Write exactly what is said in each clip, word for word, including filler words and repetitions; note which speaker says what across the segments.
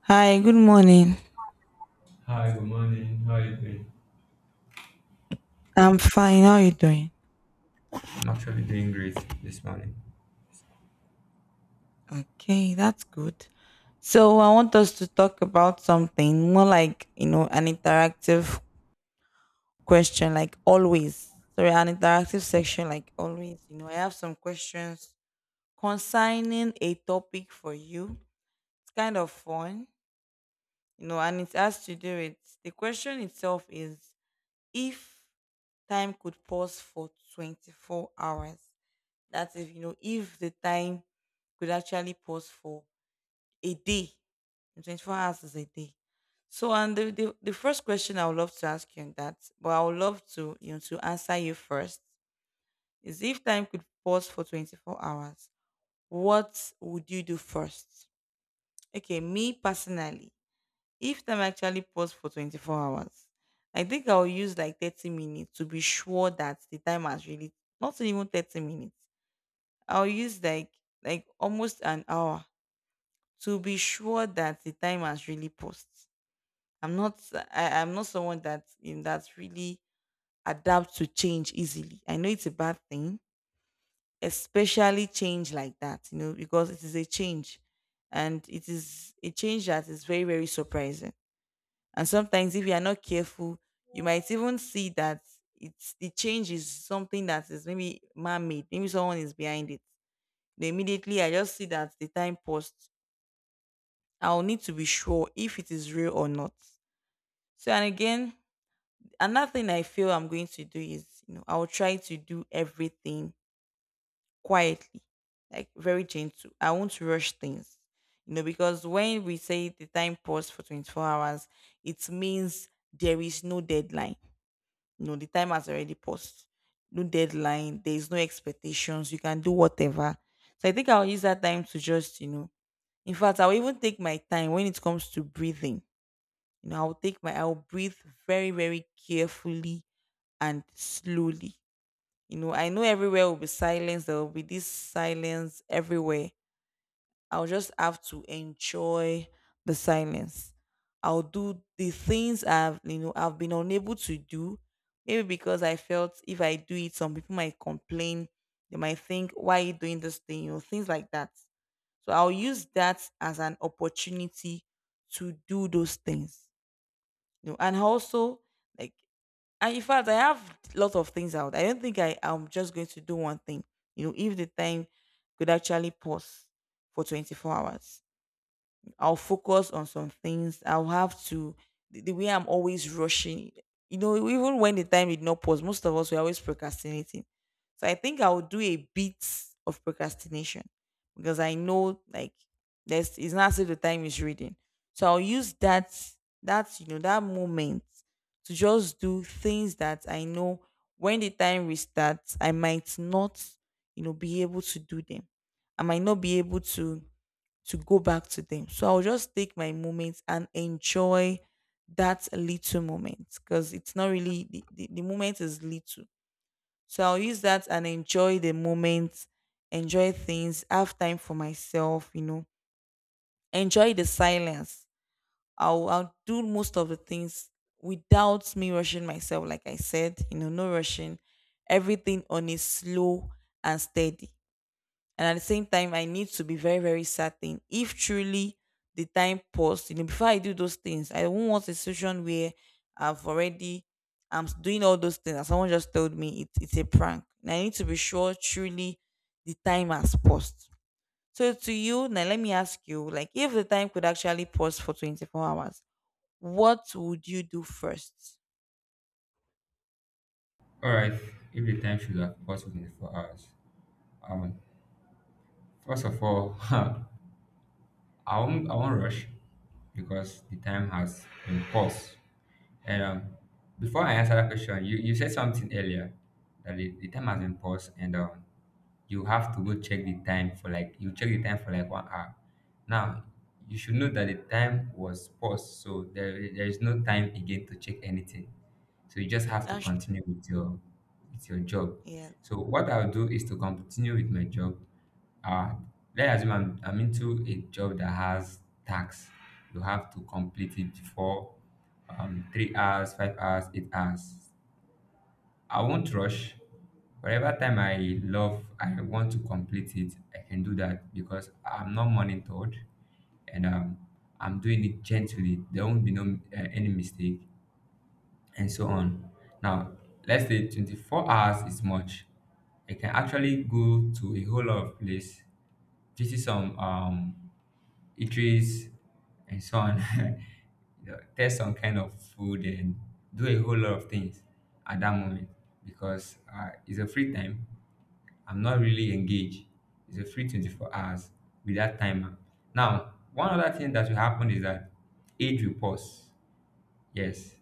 Speaker 1: Hi, good morning.
Speaker 2: Hi, good morning. How are you doing?
Speaker 1: I'm fine. How are you doing?
Speaker 2: I'm actually doing great this morning.
Speaker 1: Okay, that's good. So, I want us to talk about something more like, you know, an interactive question, like always. Sorry, an interactive section, like always. You know, I have some questions concerning a topic for you. It's kind of fun, you know, and it has to do with the question itself is if time could pause for twenty-four hours. That if you know if the time could actually pause for a day, and twenty-four hours is a day. So, and the, the the first question I would love to ask you on that, but I would love to you know to answer you first is if time could pause for twenty-four hours, what would you do first? Okay, me personally, if time actually paused for twenty-four hours, I think I'll use like thirty minutes to be sure that the time has really not even thirty minutes. I'll use like like almost an hour to be sure that the time has really passed. I'm not I, I'm not someone that in that really adapt to change easily. I know it's a bad thing, especially change like that, you know, because it is a change and it is a change that is very, very surprising. And sometimes if you are not careful, you might even see that it's the change is something that is maybe man-made. Maybe someone is behind it. Then immediately I just see that the time paused. I'll need to be sure if it is real or not. So and again, another thing I feel I'm going to do is, you know, I'll try to do everything quietly, like very gentle. I won't rush things. You know, because when we say the time paused for twenty-four hours, it means there is no deadline. You know, the time has already passed. No deadline. There is no expectations. You can do whatever. So I think I'll use that time to just, you know, in fact, I'll even take my time when it comes to breathing. You know, I'll take my I'll breathe very, very carefully and slowly. You know, I know everywhere will be silence, there will be this silence everywhere. I'll just have to enjoy the silence. I'll do the things I've you know I've been unable to do. Maybe because I felt if I do it, some people might complain. They might think, why are you doing this thing? You know, things like that. So I'll use that as an opportunity to do those things. You know, and also like and in fact I have lots of things out. I don't think I, I'm just going to do one thing. You know, if the time could actually pause for twenty-four hours. I'll focus on some things. I'll have to The, the way I'm always rushing. You know, even when the time did not pause, most of us were always procrastinating. So I think I will do a bit of procrastination because I know like there's it's not as if the time is reading. So I'll use that that you know that moment to just do things that I know when the time restarts, I might not, you know, be able to do them. I might not be able to to go back to them. So I'll just take my moments and enjoy that little moment because it's not really the, the, the moment is little. So I'll use that and enjoy the moment, enjoy things, have time for myself, you know, enjoy the silence. I'll, I'll do most of the things without me rushing myself, like I said, you know, no rushing, everything on a slow and steady. And at the same time, I need to be very, very certain if truly the time paused, you know, before I do those things, I won't want a situation where I've already, I'm s- doing all those things and someone just told me it, it's a prank. And I need to be sure truly the time has paused. So to you, now let me ask you, like if the time could actually pause for twenty-four hours, what would you do first?
Speaker 2: All right, if the time should have possible been four hours. Um, first of all, I won't I won't rush because the time has been paused. And um, before I answer that question, you, you said something earlier that the, the time has been paused, and um, you have to go check the time for like you check the time for like one hour now. You should know that the time was paused, so there, there is no time again to check anything, so you just have to
Speaker 1: That's true.
Speaker 2: continue with your with your job.
Speaker 1: Yeah.
Speaker 2: So what I'll do is to continue with my job. Uh let's assume I'm, I'm into a job that has tax. You have to complete it for um three hours, five hours, eight hours. I won't rush. Whatever time I love, I want to complete it. I can do that because I'm not monitored, and um, I'm doing it gently. There won't be no uh, any mistake, and so on. Now, let's say twenty-four hours is much. I can actually go to a whole lot of place, visit some um eateries and so on. You know, test some kind of food and do a whole lot of things at that moment because uh, it's a free time. I'm not really engaged. It's a free twenty-four hours with that timer. Now, one other thing that will happen is that age will pause. Yes,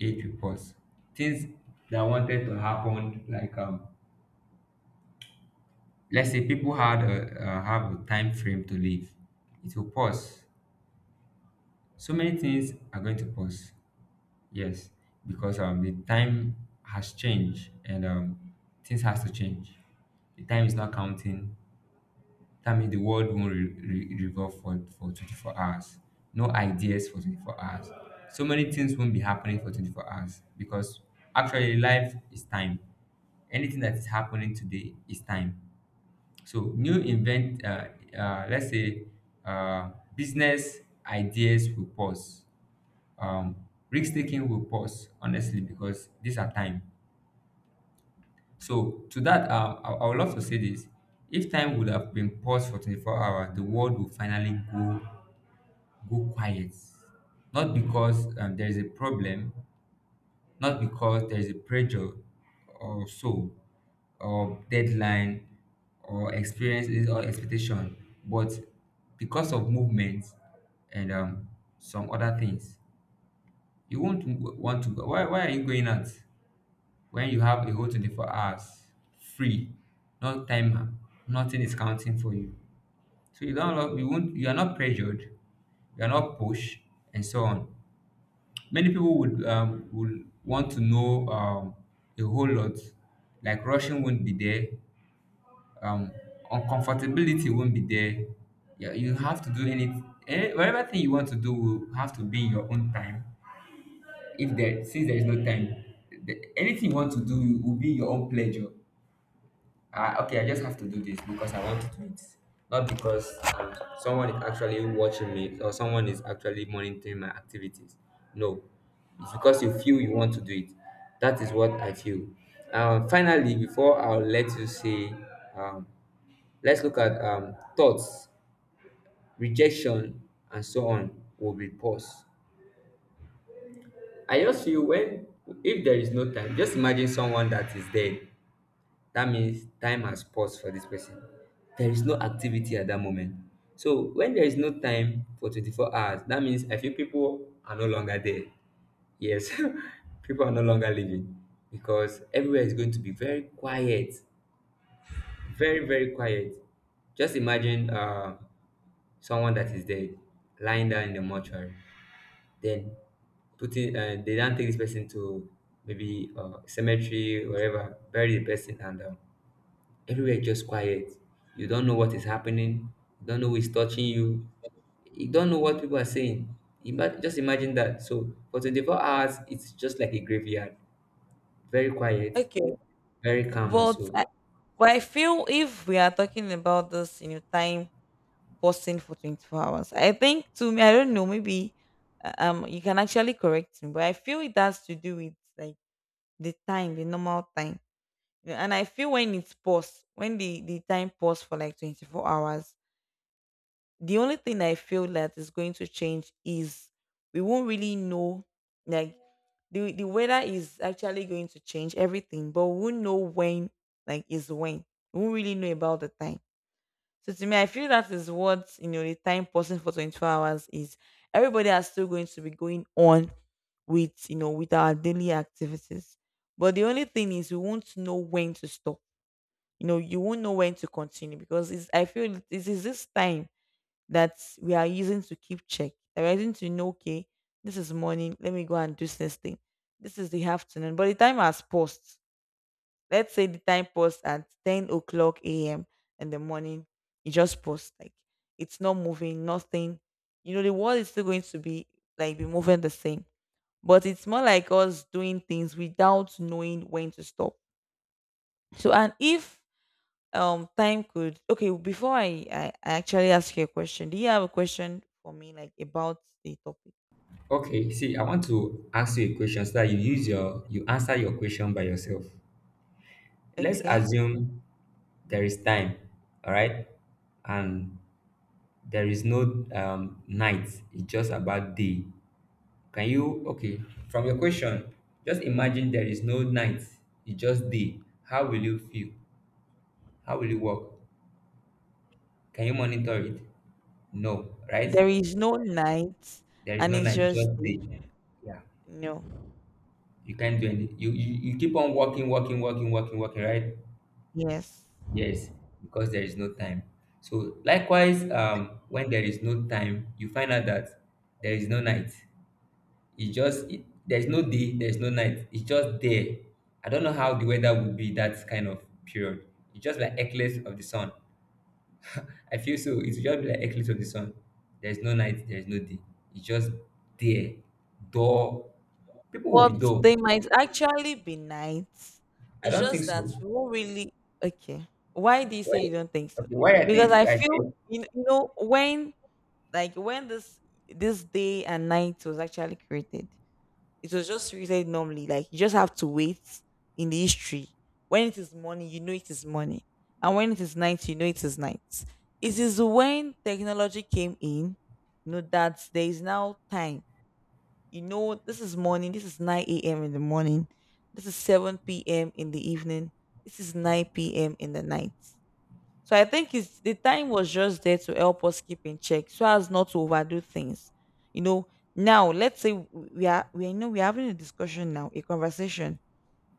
Speaker 2: age will pause. Things that wanted to happen, like um, let's say people had a, uh, have a time frame to live, it will pause. So many things are going to pause. Yes, because um the time has changed, and um things has to change. The time is not counting. That means the world won't re- re- revolve for, for twenty-four hours. No ideas for twenty-four hours. So many things won't be happening for twenty-four hours, because actually life is time. Anything that is happening today is time. So new invent, uh, uh, let's say, uh, business ideas will pause. Um, risk taking will pause, honestly, because these are time. So to that, um, I, I would love to say this: if time would have been paused for twenty-four hours, the world would finally go go quiet, not because um, there is a problem, not because there is a pressure, or so, or deadline, or experiences or expectation, but because of movement and um, some other things. You won't w- want to go. Why, why are you going out when you have a whole twenty-four hours free, no timer, nothing is counting for you? So you don't allow, you won't you are not pressured, you are not pushed, and so on. Many people would um, would want to know, um, a whole lot. Like rushing won't be there, um, uncomfortability won't be there. Yeah, you have to do any, any whatever thing you want to do will have to be in your own time. If there Since there is no time, the, anything you want to do will be your own pleasure. Uh, okay, I just have to do this because I want to do it. Not because um, someone is actually watching me or someone is actually monitoring my activities. No, it's because you feel you want to do it. That is what I feel. Um, finally, before I'll let you say, um, let's look at, um, thoughts, rejection, and so on will be paused. I just feel when, if there is no time, just imagine someone that is dead. That means time has paused for this person. There is no activity at that moment. So when there is no time for twenty-four hours, that means I feel people are no longer there. Yes, people are no longer living, because everywhere is going to be very quiet, very, very quiet. Just imagine uh, someone that is dead lying down in the mortuary. Then putting uh, they don't take this person to maybe uh, cemetery, wherever, bury the person, and uh, everywhere is just quiet. You don't know what is happening. You don't know who is touching you. You don't know what people are saying. Ima- just imagine that. So for twenty-four hours, it's just like a graveyard. Very quiet,
Speaker 1: Okay,
Speaker 2: very calm and
Speaker 1: but
Speaker 2: so.
Speaker 1: I, but I feel if we are talking about this, you know, time pausing for twenty-four hours, I think to me, I don't know, maybe uh, um, you can actually correct me, but I feel it has to do with like the time, the normal time. You know, and I feel when it's paused, when the the time paused for like twenty-four hours, the only thing I feel that is going to change is we won't really know like the the weather is actually going to change everything, but we won't know when like is when. We won't really know about the time. So to me, I feel that is what you know the time pausing for twenty-four hours is everybody are still going to be going on with you know with our daily activities. But the only thing is we won't know when to stop. You know, you won't know when to continue because it's I feel it is this time that we are using to keep check. That we're using to know, okay, this is morning, let me go and do this thing. This is the afternoon. But the time has paused. Let's say the time paused at ten o'clock a m in the morning. It just paused. Like it's not moving, nothing. You know, the world is still going to be like be moving the same. But it's more like us doing things without knowing when to stop. So and if um time could okay before I, I i actually ask you a question, do you have a question for me like about the topic?
Speaker 2: Okay, see, I want to ask you a question so that you use your you answer your question by yourself. Let's
Speaker 1: Okay,
Speaker 2: assume there is time, all right, and there is no um, night. It's just about day. Can you, okay, from your question, just imagine there is no night, it's just day. How will you feel? How will you work? Can you monitor it? No, right?
Speaker 1: there is no night
Speaker 2: There is
Speaker 1: and
Speaker 2: no
Speaker 1: it's
Speaker 2: night,
Speaker 1: just
Speaker 2: just day.
Speaker 1: day.
Speaker 2: Yeah,
Speaker 1: No.
Speaker 2: you can't do anything. You, you, you keep on working, working, working, working, working, right?
Speaker 1: Yes.
Speaker 2: Yes, because there is no time. So, likewise, um, when there is no time, you find out that there is no night. It's just it, there's no day, there's no night. It's just there. I don't know how the weather would be that kind of period. It's just like eclipse of the sun. I feel so. It's just like eclipse of the sun. There's no night, there's no day. It's just there. Dull. People will be
Speaker 1: But
Speaker 2: dull.
Speaker 1: they might actually be nights,
Speaker 2: I
Speaker 1: it's
Speaker 2: don't think
Speaker 1: just that
Speaker 2: so.
Speaker 1: we won't really. Okay, why do you say
Speaker 2: Well,
Speaker 1: you don't think so?
Speaker 2: okay, why I
Speaker 1: Because
Speaker 2: think
Speaker 1: I
Speaker 2: I say.
Speaker 1: feel you kn- you know when like when this this day and night was actually created, it was just treated normally. Like you just have to wait in the history. When it is morning, you know it is morning. And when it is night, you know it is night. It is when technology came in, you know, that there is now time. You know, this is morning, this is nine a m in the morning, this is seven p m in the evening, this is nine p m in the night. So I think it's the time was just there to help us keep in check so as not to overdo things. You know, now let's say we are we you know we're having a discussion now, a conversation,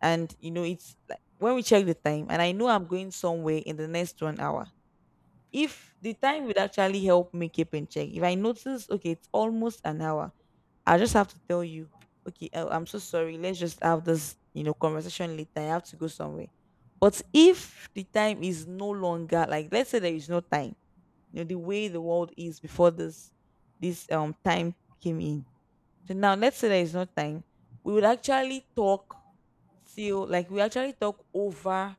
Speaker 1: and you know it's like when we check the time and I know I'm going somewhere in the next one hour. If the time would actually help me keep in check, if I notice okay, it's almost an hour, I just have to tell you, okay, oh, I'm so sorry. Let's just have this, you know, conversation later. I have to go somewhere. But if the time is no longer like, let's say there is no time, you know, the way the world is before this this um time came in. So now, let's say there is no time, we would actually talk till like we actually talk over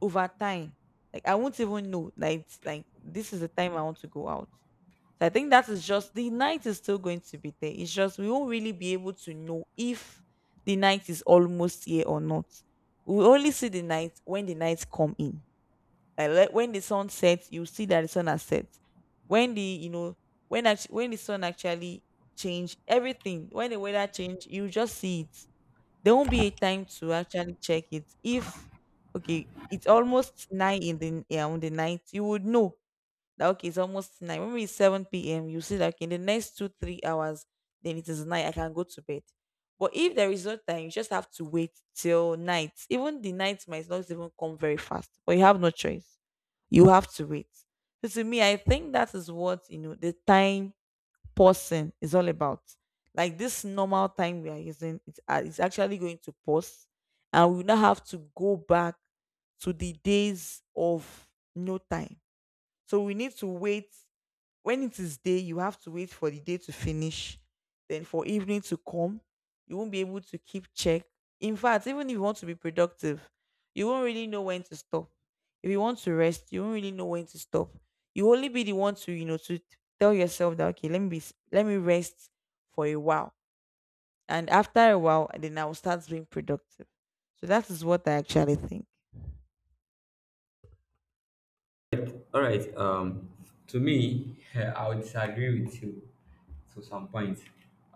Speaker 1: over time. Like I won't even know. Like it's- like this is the time I want to go out. So I think that is just the night is still going to be there. It's just we won't really be able to know if the night is almost here or not. We will only see the night when the nights come in. Like le- when the sun sets, you see that the sun has set. When the you know when actually, when the sun actually change everything, when the weather change, you just see it. There won't be a time to actually check it. If okay, it's almost nine in the yeah, on the night, you would know that okay, it's almost nine. When it's seven p m, you see that okay, in the next two, three hours, then it is night. I can go to bed. But if there is no time, you just have to wait till night. Even the night might not even come very fast, but you have no choice. You have to wait. So to me, I think that is what you know the time pausing is all about. Like this normal time we are using, it's, uh, it's actually going to pause, and we now have to go back to the days of no time so we need to wait. When it is day, you have to wait for the day to finish. Then for evening to come, you won't be able to keep check. In fact, even if you want to be productive, you won't really know when to stop. If you want to rest, you won't really know when to stop. You only be the one to, you know, to tell yourself that okay, let me be, s- let me rest for a while. And after a while, then I will start being productive. So that is what I actually think.
Speaker 2: All right. Um, to me, I would disagree with you to some point.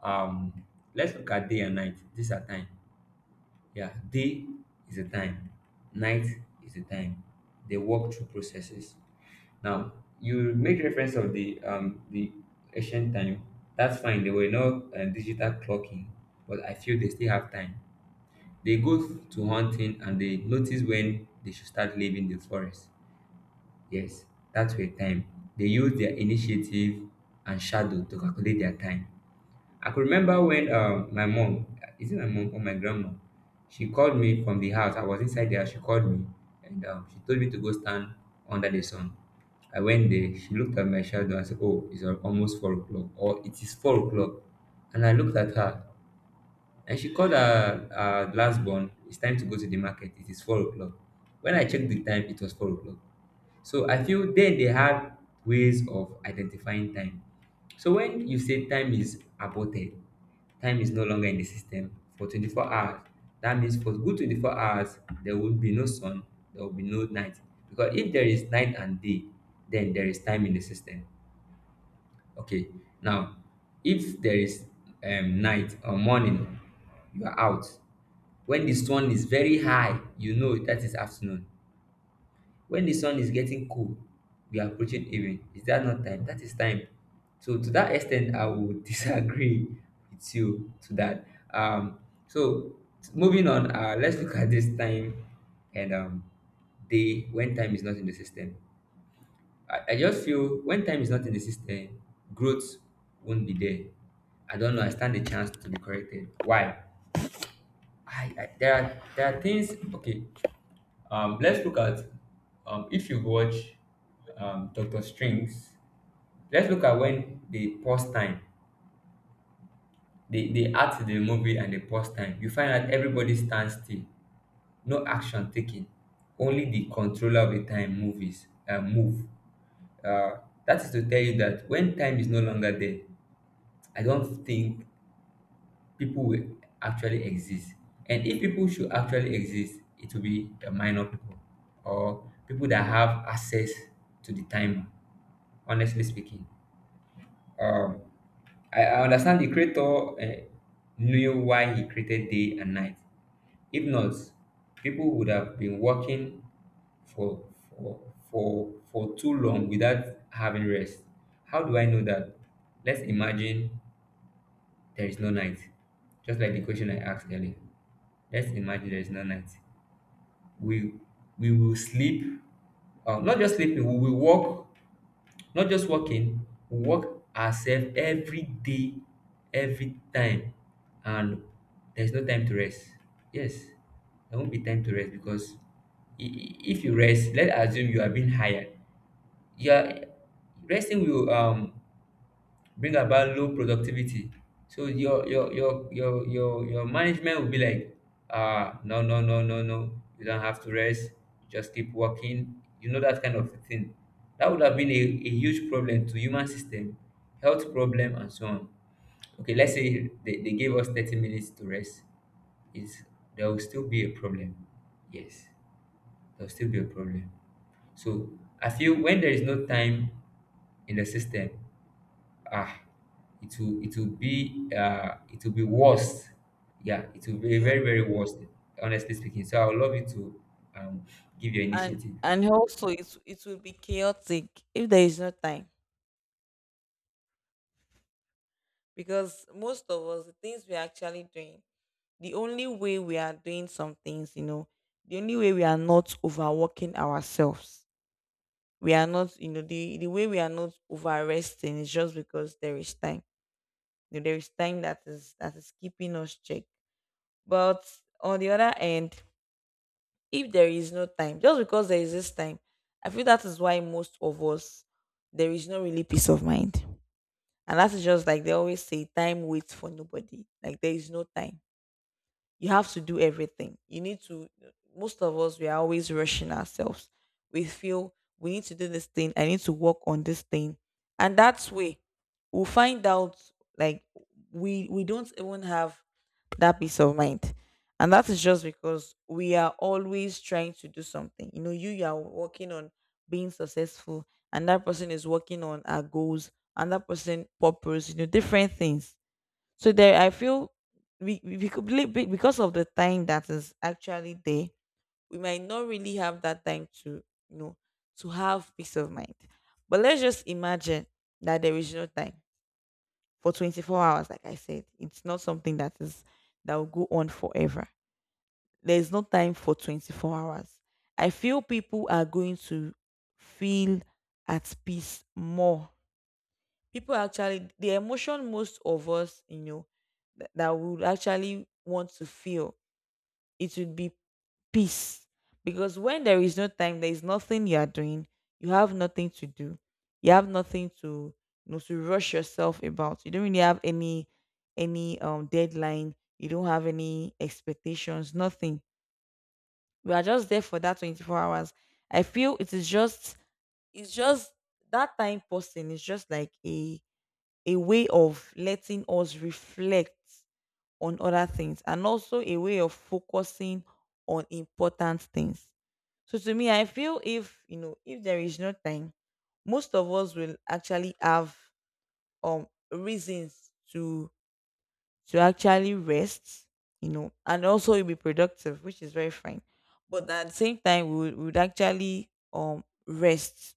Speaker 2: Um, let's look at day and night. These are time. Yeah, day is a time, night is a time. They walk through processes. Now, you make reference of the um the ancient time. That's fine. They were not uh, digital clocking, but I feel they still have time. They go to hunting and they notice when they should start leaving the forest. Yes, that's their time. They use their initiative and shadow to calculate their time. I could remember when um, my mom — is it my mom or my grandma? She called me from the house. I was inside there. She called me, and um, she told me to go stand under the sun. I went there. She looked at my shadow and said, "Oh, it's al- almost four o'clock, or it is four o'clock." And I looked at her, and she called her, her last born, "It's time to go to the market. It is four o'clock." When I checked the time, it was four o'clock. So I feel then they have ways of identifying time. So when you say time is aborted, time is no longer in the system for twenty-four hours, that means for good twenty-four hours, there will be no sun, there will be no night. Because if there is night and day, then there is time in the system. Okay, now, if there is um, night or morning, you are out. When the sun is very high, you know that is afternoon. When the sun is getting cold, we are approaching evening. Is that not time? That is time. So to that extent, I would disagree with you to that. Um, so moving on, uh, let's look at this time and um, day when time is not in the system. I, I just feel when time is not in the system, growth won't be there. I don't know. I stand a chance to be corrected. Why? I, I There are there are things. Okay, um, let's look at, um, if you watch, um, Doctor Strings. Let's look at when they pause time. They they act the movie and they pause time. You find out everybody stands still, no action taken. Only the controller of the time movies uh, move. Uh, that is to tell you that when time is no longer there, I don't think people will actually exist. And if people should actually exist, it will be the minor people, or people that have access to the timer, honestly speaking. Um, I, I understand the creator uh, knew why he created day and night. If not, people would have been working for for for for too long without having rest. How do I know that? Let's imagine there is no night, just like the question I asked earlier. Let's imagine there is no night. We we will sleep. Uh, not just sleeping, we will walk. Not just working, we work ourselves every day, every time, and there's no time to rest. Yes, there won't be time to rest, because i- i- if you rest, let's assume you are being hired. You are Resting will um bring about low productivity. So your your your your your your management will be like, "Ah, no, no, no, no, no. You don't have to rest. Just keep working." You know, that kind of thing. That would have been a, a huge problem to human system, health problem and so on. Okay, let's say they, they gave us thirty minutes to rest. Is There will still be a problem. Yes, there will still be a problem. So I feel when there is no time in the system, ah it will it will be uh it will be worst. Yeah, it will be very very
Speaker 1: Chaotic.
Speaker 2: worst, honestly speaking. So I would love you to um give your
Speaker 1: and
Speaker 2: initiative.
Speaker 1: and also it it will be chaotic if there is no time, because most of us, the things we're actually doing, the only way we are doing some things, you know the only way we are not overworking ourselves, we are not, you know the the way we are not over resting is just because there is time. You know, there is time that is that is keeping us check. But on the other end, if there is no time, just because there is this time, I feel that is why most of us, there is no really peace of mind. And that is just like they always say, time waits for nobody. Like, there is no time, you have to do everything. You need to, most of us, we are always rushing ourselves. We feel we need to do this thing. I need to work on this thing. And that's way we'll find out, like, we we don't even have that peace of mind. And that is just because we are always trying to do something. You know, you, you are working on being successful, and that person is working on our goals, and that person purpose, you know, different things. So there, I feel we, we we could be- be- because of the time that is actually there, we might not really have that time to, you know, to have peace of mind. But let's just imagine that there is no time for twenty-four hours. Like I said, it's not something that is that will go on forever. There is no time for twenty-four hours. I feel people are going to feel at peace more. People actually, the emotion most of us, you know, that, that would actually want to feel, it would be peace. Because when there is no time, there is nothing you are doing, you have nothing to do, you have nothing to, you know, to rush yourself about. You don't really have any any um deadline, you don't have any expectations, nothing. We are just there for that twenty-four hours. I feel it is just it's just that time passing is just like a a way of letting us reflect on other things, and also a way of focusing on important things. So to me, I feel if you know, if there is no time, most of us will actually have um reasons to to actually rest, you know, and also you'll be productive, which is very fine. But at the same time, we would, we would actually um rest,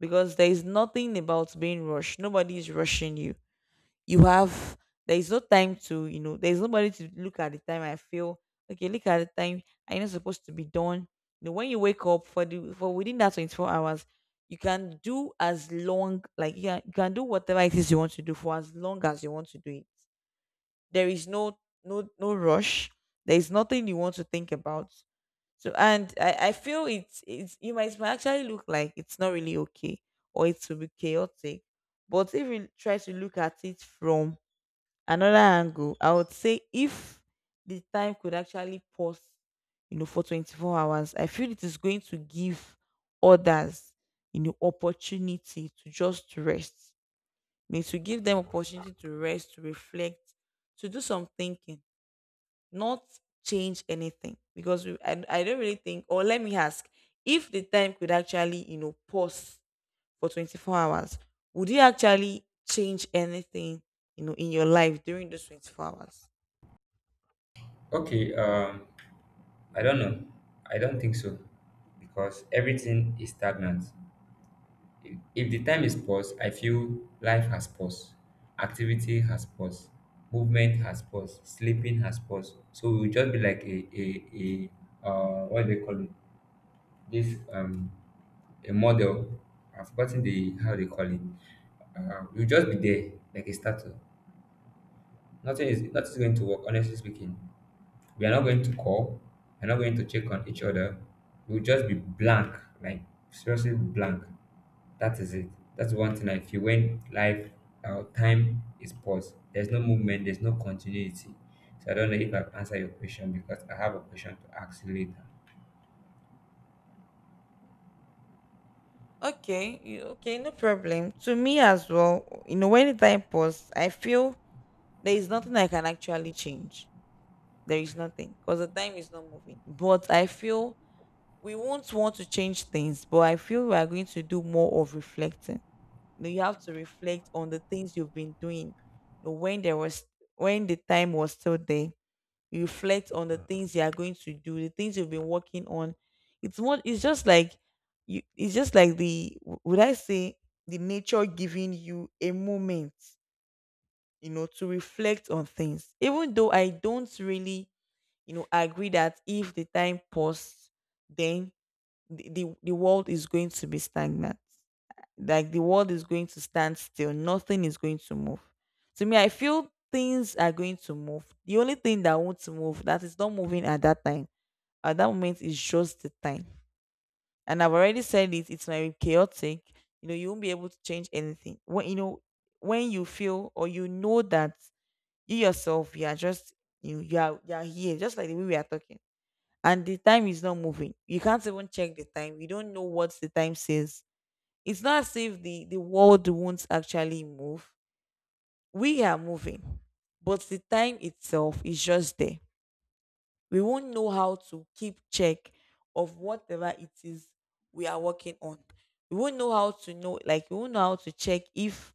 Speaker 1: because there is nothing about being rushed. Nobody is rushing you. You have, there is no time to, you know, there's nobody to look at the time. I feel, okay, look at the time, I not supposed to be done. You know, when you wake up for the for within that twenty-four hours, you can do as long, like, yeah, you can do whatever it is you want to do for as long as you want to do it. There is no no no rush. There is nothing you want to think about. So, and i i feel it's it's it might, it might actually look like it's not really okay, or it will be chaotic. But if you try to look at it from another angle, I would say, if the time could actually pause, you know, for twenty-four hours, I feel it is going to give others, you know, opportunity to just rest. I mean, to give them opportunity to rest, to reflect, to do some thinking, not change anything. Because we, I, I don't really think, or let me ask, if the time could actually, you know, pause for twenty-four hours, would you actually change anything, you know, in your life during those twenty-four hours?
Speaker 2: Okay. um I don't know. I don't think so, because everything is stagnant. If, if the time is paused, I feel life has paused, activity has paused, movement has paused, sleeping has paused. So we will just be like a a a uh what do they call it, this, um a model. I've forgotten the how they call it. Uh, you'll just be there like a statue. Nothing is nothing is going to work. Honestly speaking, we are not going to call. We're not going to check on each other. We'll just be blank, like seriously blank. That is it. That's one thing I feel when life, our time is paused. There's no movement. There's no continuity. So I don't know if I've answered your question, because I have a question to ask you later.
Speaker 1: Okay, you- okay, no problem. To me as well, you know, when the time pass, I feel there is nothing I can actually change. There is nothing because the time is not moving. But I feel we won't want to change things, but I feel we are going to do more of reflecting. You know, you have to reflect on the things you've been doing, you know, when there was, when the time was still there, you reflect on the things you are going to do, the things you've been working on. It's more, it's just like, you, it's just like the w- would I say, the nature giving you a moment, you know, to reflect on things. Even though I don't really, you know, agree that if the time paused, then the, the, the world is going to be stagnant, like, the world is going to stand still, nothing is going to move. To me, I feel things are going to move. The only thing that won't move, that is not moving at that time, at that moment, is just the time. And I've already said it, it's very chaotic. You know, you won't be able to change anything when you know, when you feel or you know that you yourself, you are just, you you are, you are here just like the way we are talking, and the time is not moving. You can't even check the time, you don't know what the time says. It's not as if the, the world won't actually move. We are moving, but the time itself is just there. We won't know how to keep check of whatever it is we are working on. We won't know how to know, like, we won't know how to check if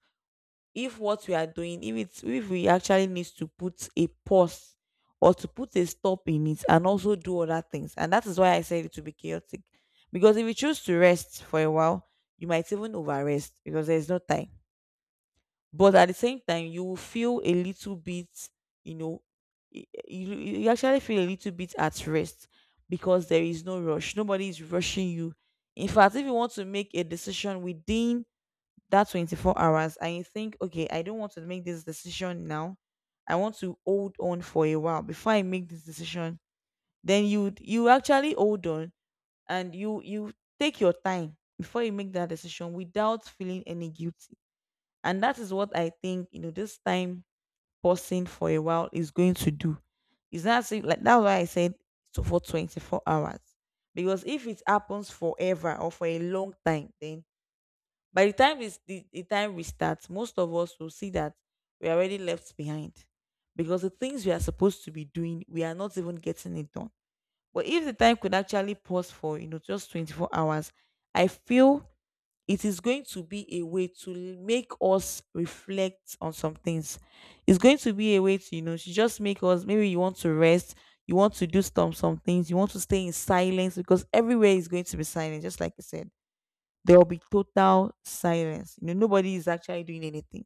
Speaker 1: if what we are doing, if it's, if we actually need to put a pause or to put a stop in it, and also do other things. And that is why I said it will be chaotic. Because if you choose to rest for a while, you might even overrest because there's no time. But at the same time, you will feel a little bit, you know, y- you, you actually feel a little bit at rest because there is no rush. Nobody is rushing you. In fact, if you want to make a decision within that twenty-four hours and you think, okay, I don't want to make this decision now, I want to hold on for a while before I make this decision, then you you actually hold on, and you you take your time before you make that decision without feeling any guilt. And that is what I think, you know, this time pausing for a while is going to do. It's not as if, like, that's why I said so for twenty-four hours. Because if it happens forever or for a long time, then by the time it's the, the time we start, most of us will see that we are already left behind. Because the things we are supposed to be doing, we are not even getting it done. But if the time could actually pause for, you know, just twenty-four hours, I feel it is going to be a way to make us reflect on some things. It's going to be a way to, you know, to just make us, maybe you want to rest, you want to do some some things, you want to stay in silence because everywhere is going to be silent, just like I said. There will be total silence. You know, nobody is actually doing anything.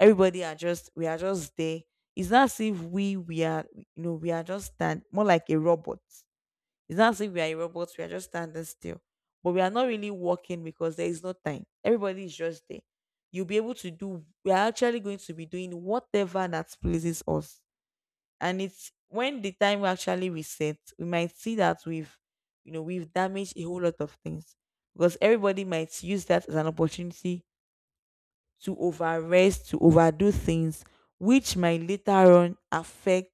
Speaker 1: Everybody are just, we are just there. It's not as if we we are, you know, we are just stand, more like a robot. It's not as if we are a robot, we are just standing still. But we are not really working because there is no time. Everybody is just there. You'll be able to do, we are actually going to be doing whatever that pleases us. And it's when the time we actually reset, we might see that we've, you know, we've damaged a whole lot of things, because everybody might use that as an opportunity to overrest, to overdo things, which might later on affect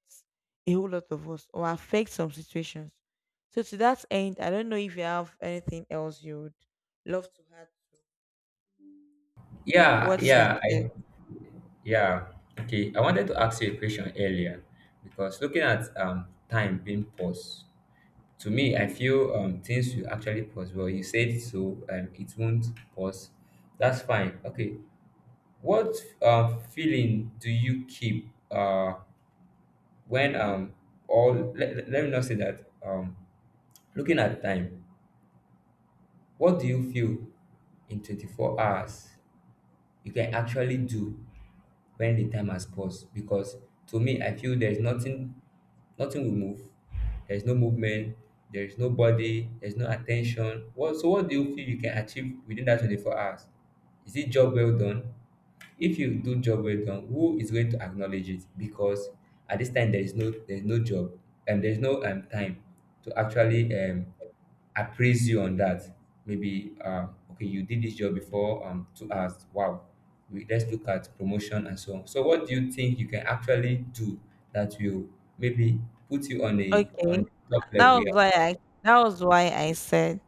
Speaker 1: a whole lot of us or affect some situations. So to that end, I don't know if you have anything else you would love to add.
Speaker 2: Yeah,
Speaker 1: What she
Speaker 2: yeah,
Speaker 1: said.
Speaker 2: I— yeah. Okay, I wanted to ask you a question earlier because looking at um time being paused, to me, I feel um things will actually pause. Well, you said so, um, it won't pause. That's fine. Okay. What uh, feeling do you keep uh when um all— let, let me not say that. Um looking at time, what do you feel in twenty-four hours you can actually do when the time has passed? Because to me, I feel there's nothing. Nothing will move. There's no movement. There's no body. There's no attention. What, so, what do you feel you can achieve within that twenty-four hours? Is it job well done? If you do job well done, who is going to acknowledge it? Because at this time, there is no there is no job, and there's no um time to actually um appraise you on that. Maybe uh okay, you did this job before, um two hours, wow. We, let's look at promotion and so on. So what do you think you can actually do that will maybe put you on a— on
Speaker 1: Okay,
Speaker 2: top level?
Speaker 1: that was
Speaker 2: Yeah.
Speaker 1: why I that was why I said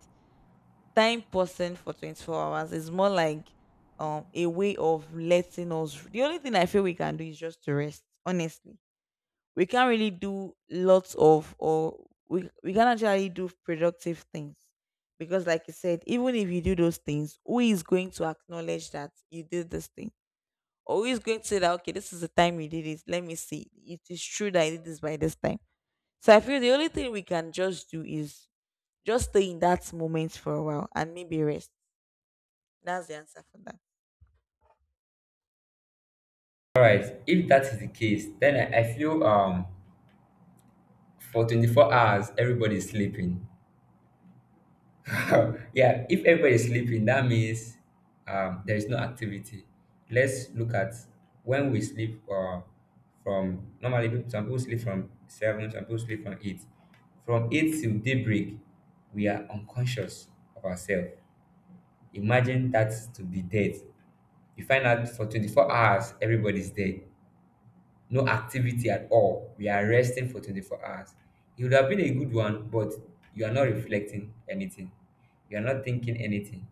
Speaker 1: time person for twenty four hours is more like um a way of letting us. The only thing I feel we can do is just to rest, honestly. We can't really do lots of, or we we can actually do productive things, because like I said, even if you do those things, who is going to acknowledge that you did this thing, or who is going to say that okay, this is the time you did it, let me see it is true that I did this by this time. So I feel the only thing we can just do is just stay in that moment for a while and maybe rest. That's the answer for that.
Speaker 2: All right, if that is the case, then i, I feel um for twenty-four hours everybody is sleeping. Yeah, if everybody is sleeping, that means, um, there is no activity. Let's look at when we sleep, uh, from— normally people, some people sleep from seven, some people sleep from eight. From eight till daybreak, we are unconscious of ourselves. Imagine that to be dead. You find out for twenty-four hours, everybody's dead. No activity at all. We are resting for twenty-four hours. It would have been a good one, but you are not reflecting anything. You are not thinking anything.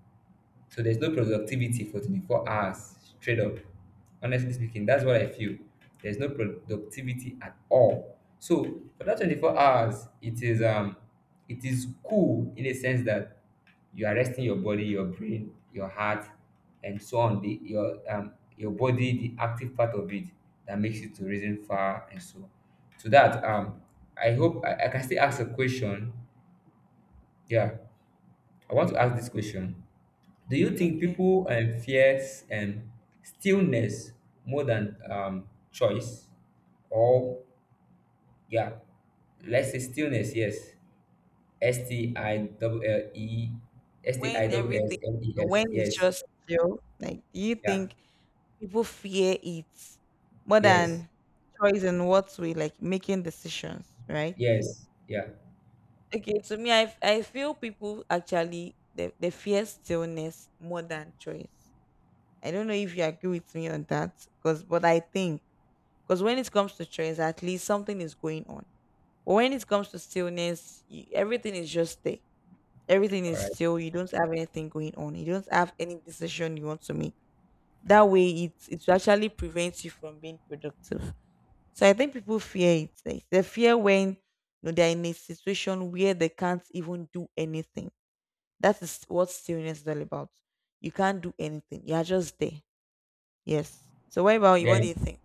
Speaker 2: So there's no productivity for twenty-four hours straight up. Honestly speaking, that's what I feel. There's no productivity at all. So for that twenty-four hours, it is um it is cool in a sense that you are resting your body, your brain, your heart, and so on. The your um your body, the active part of it that makes it to reason far and so. To that, um I hope I, I can still ask a question. Yeah, I want to ask this question. Do you think
Speaker 1: Okay.
Speaker 2: people um, fear um, stillness more than um, choice? Or, yeah, let's say stillness, yes. S T I L L E S T I
Speaker 1: When
Speaker 2: L S
Speaker 1: everything,
Speaker 2: N E S,
Speaker 1: when it's
Speaker 2: yes,
Speaker 1: just zero, like, do you
Speaker 2: yeah,
Speaker 1: think people fear it more
Speaker 2: yes,
Speaker 1: than choice and what we like making decisions, right?
Speaker 2: yes, yeah.
Speaker 1: Okay, to me, I I feel people actually they, they fear stillness more than choice. I don't know if you agree with me on that, because, but I think, because when it comes to choice, at least something is going on. But when it comes to stillness, you, everything is just there. Everything
Speaker 2: All
Speaker 1: is
Speaker 2: right.
Speaker 1: still. You don't have anything going on. You don't have any decision you want to make. That way, it it actually prevents you from being productive. So I think people fear it. Like, they fear when you know, they're in a situation where they can't even do anything. That is what stillness is all about. You can't do anything. You are just there. Yes. So what about you? What do
Speaker 2: Then,
Speaker 1: you think?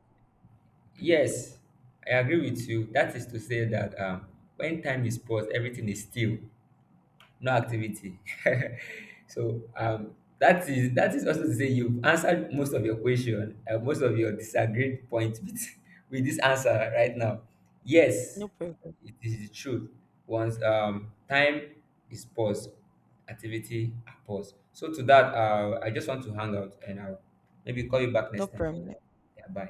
Speaker 2: yes, I agree with you. That is to say that, um, when time is paused, everything is still. No activity. So, um, that is— that is also to say you've answered most of your question, uh, most of your disagreed points with, with this answer right now. Yes,
Speaker 1: No problem.
Speaker 2: it is the truth. Once, um, time is paused, activity are paused. So to that, uh, I just want to hang out and I'll maybe call you back
Speaker 1: No
Speaker 2: next time.
Speaker 1: problem.
Speaker 2: Yeah, bye.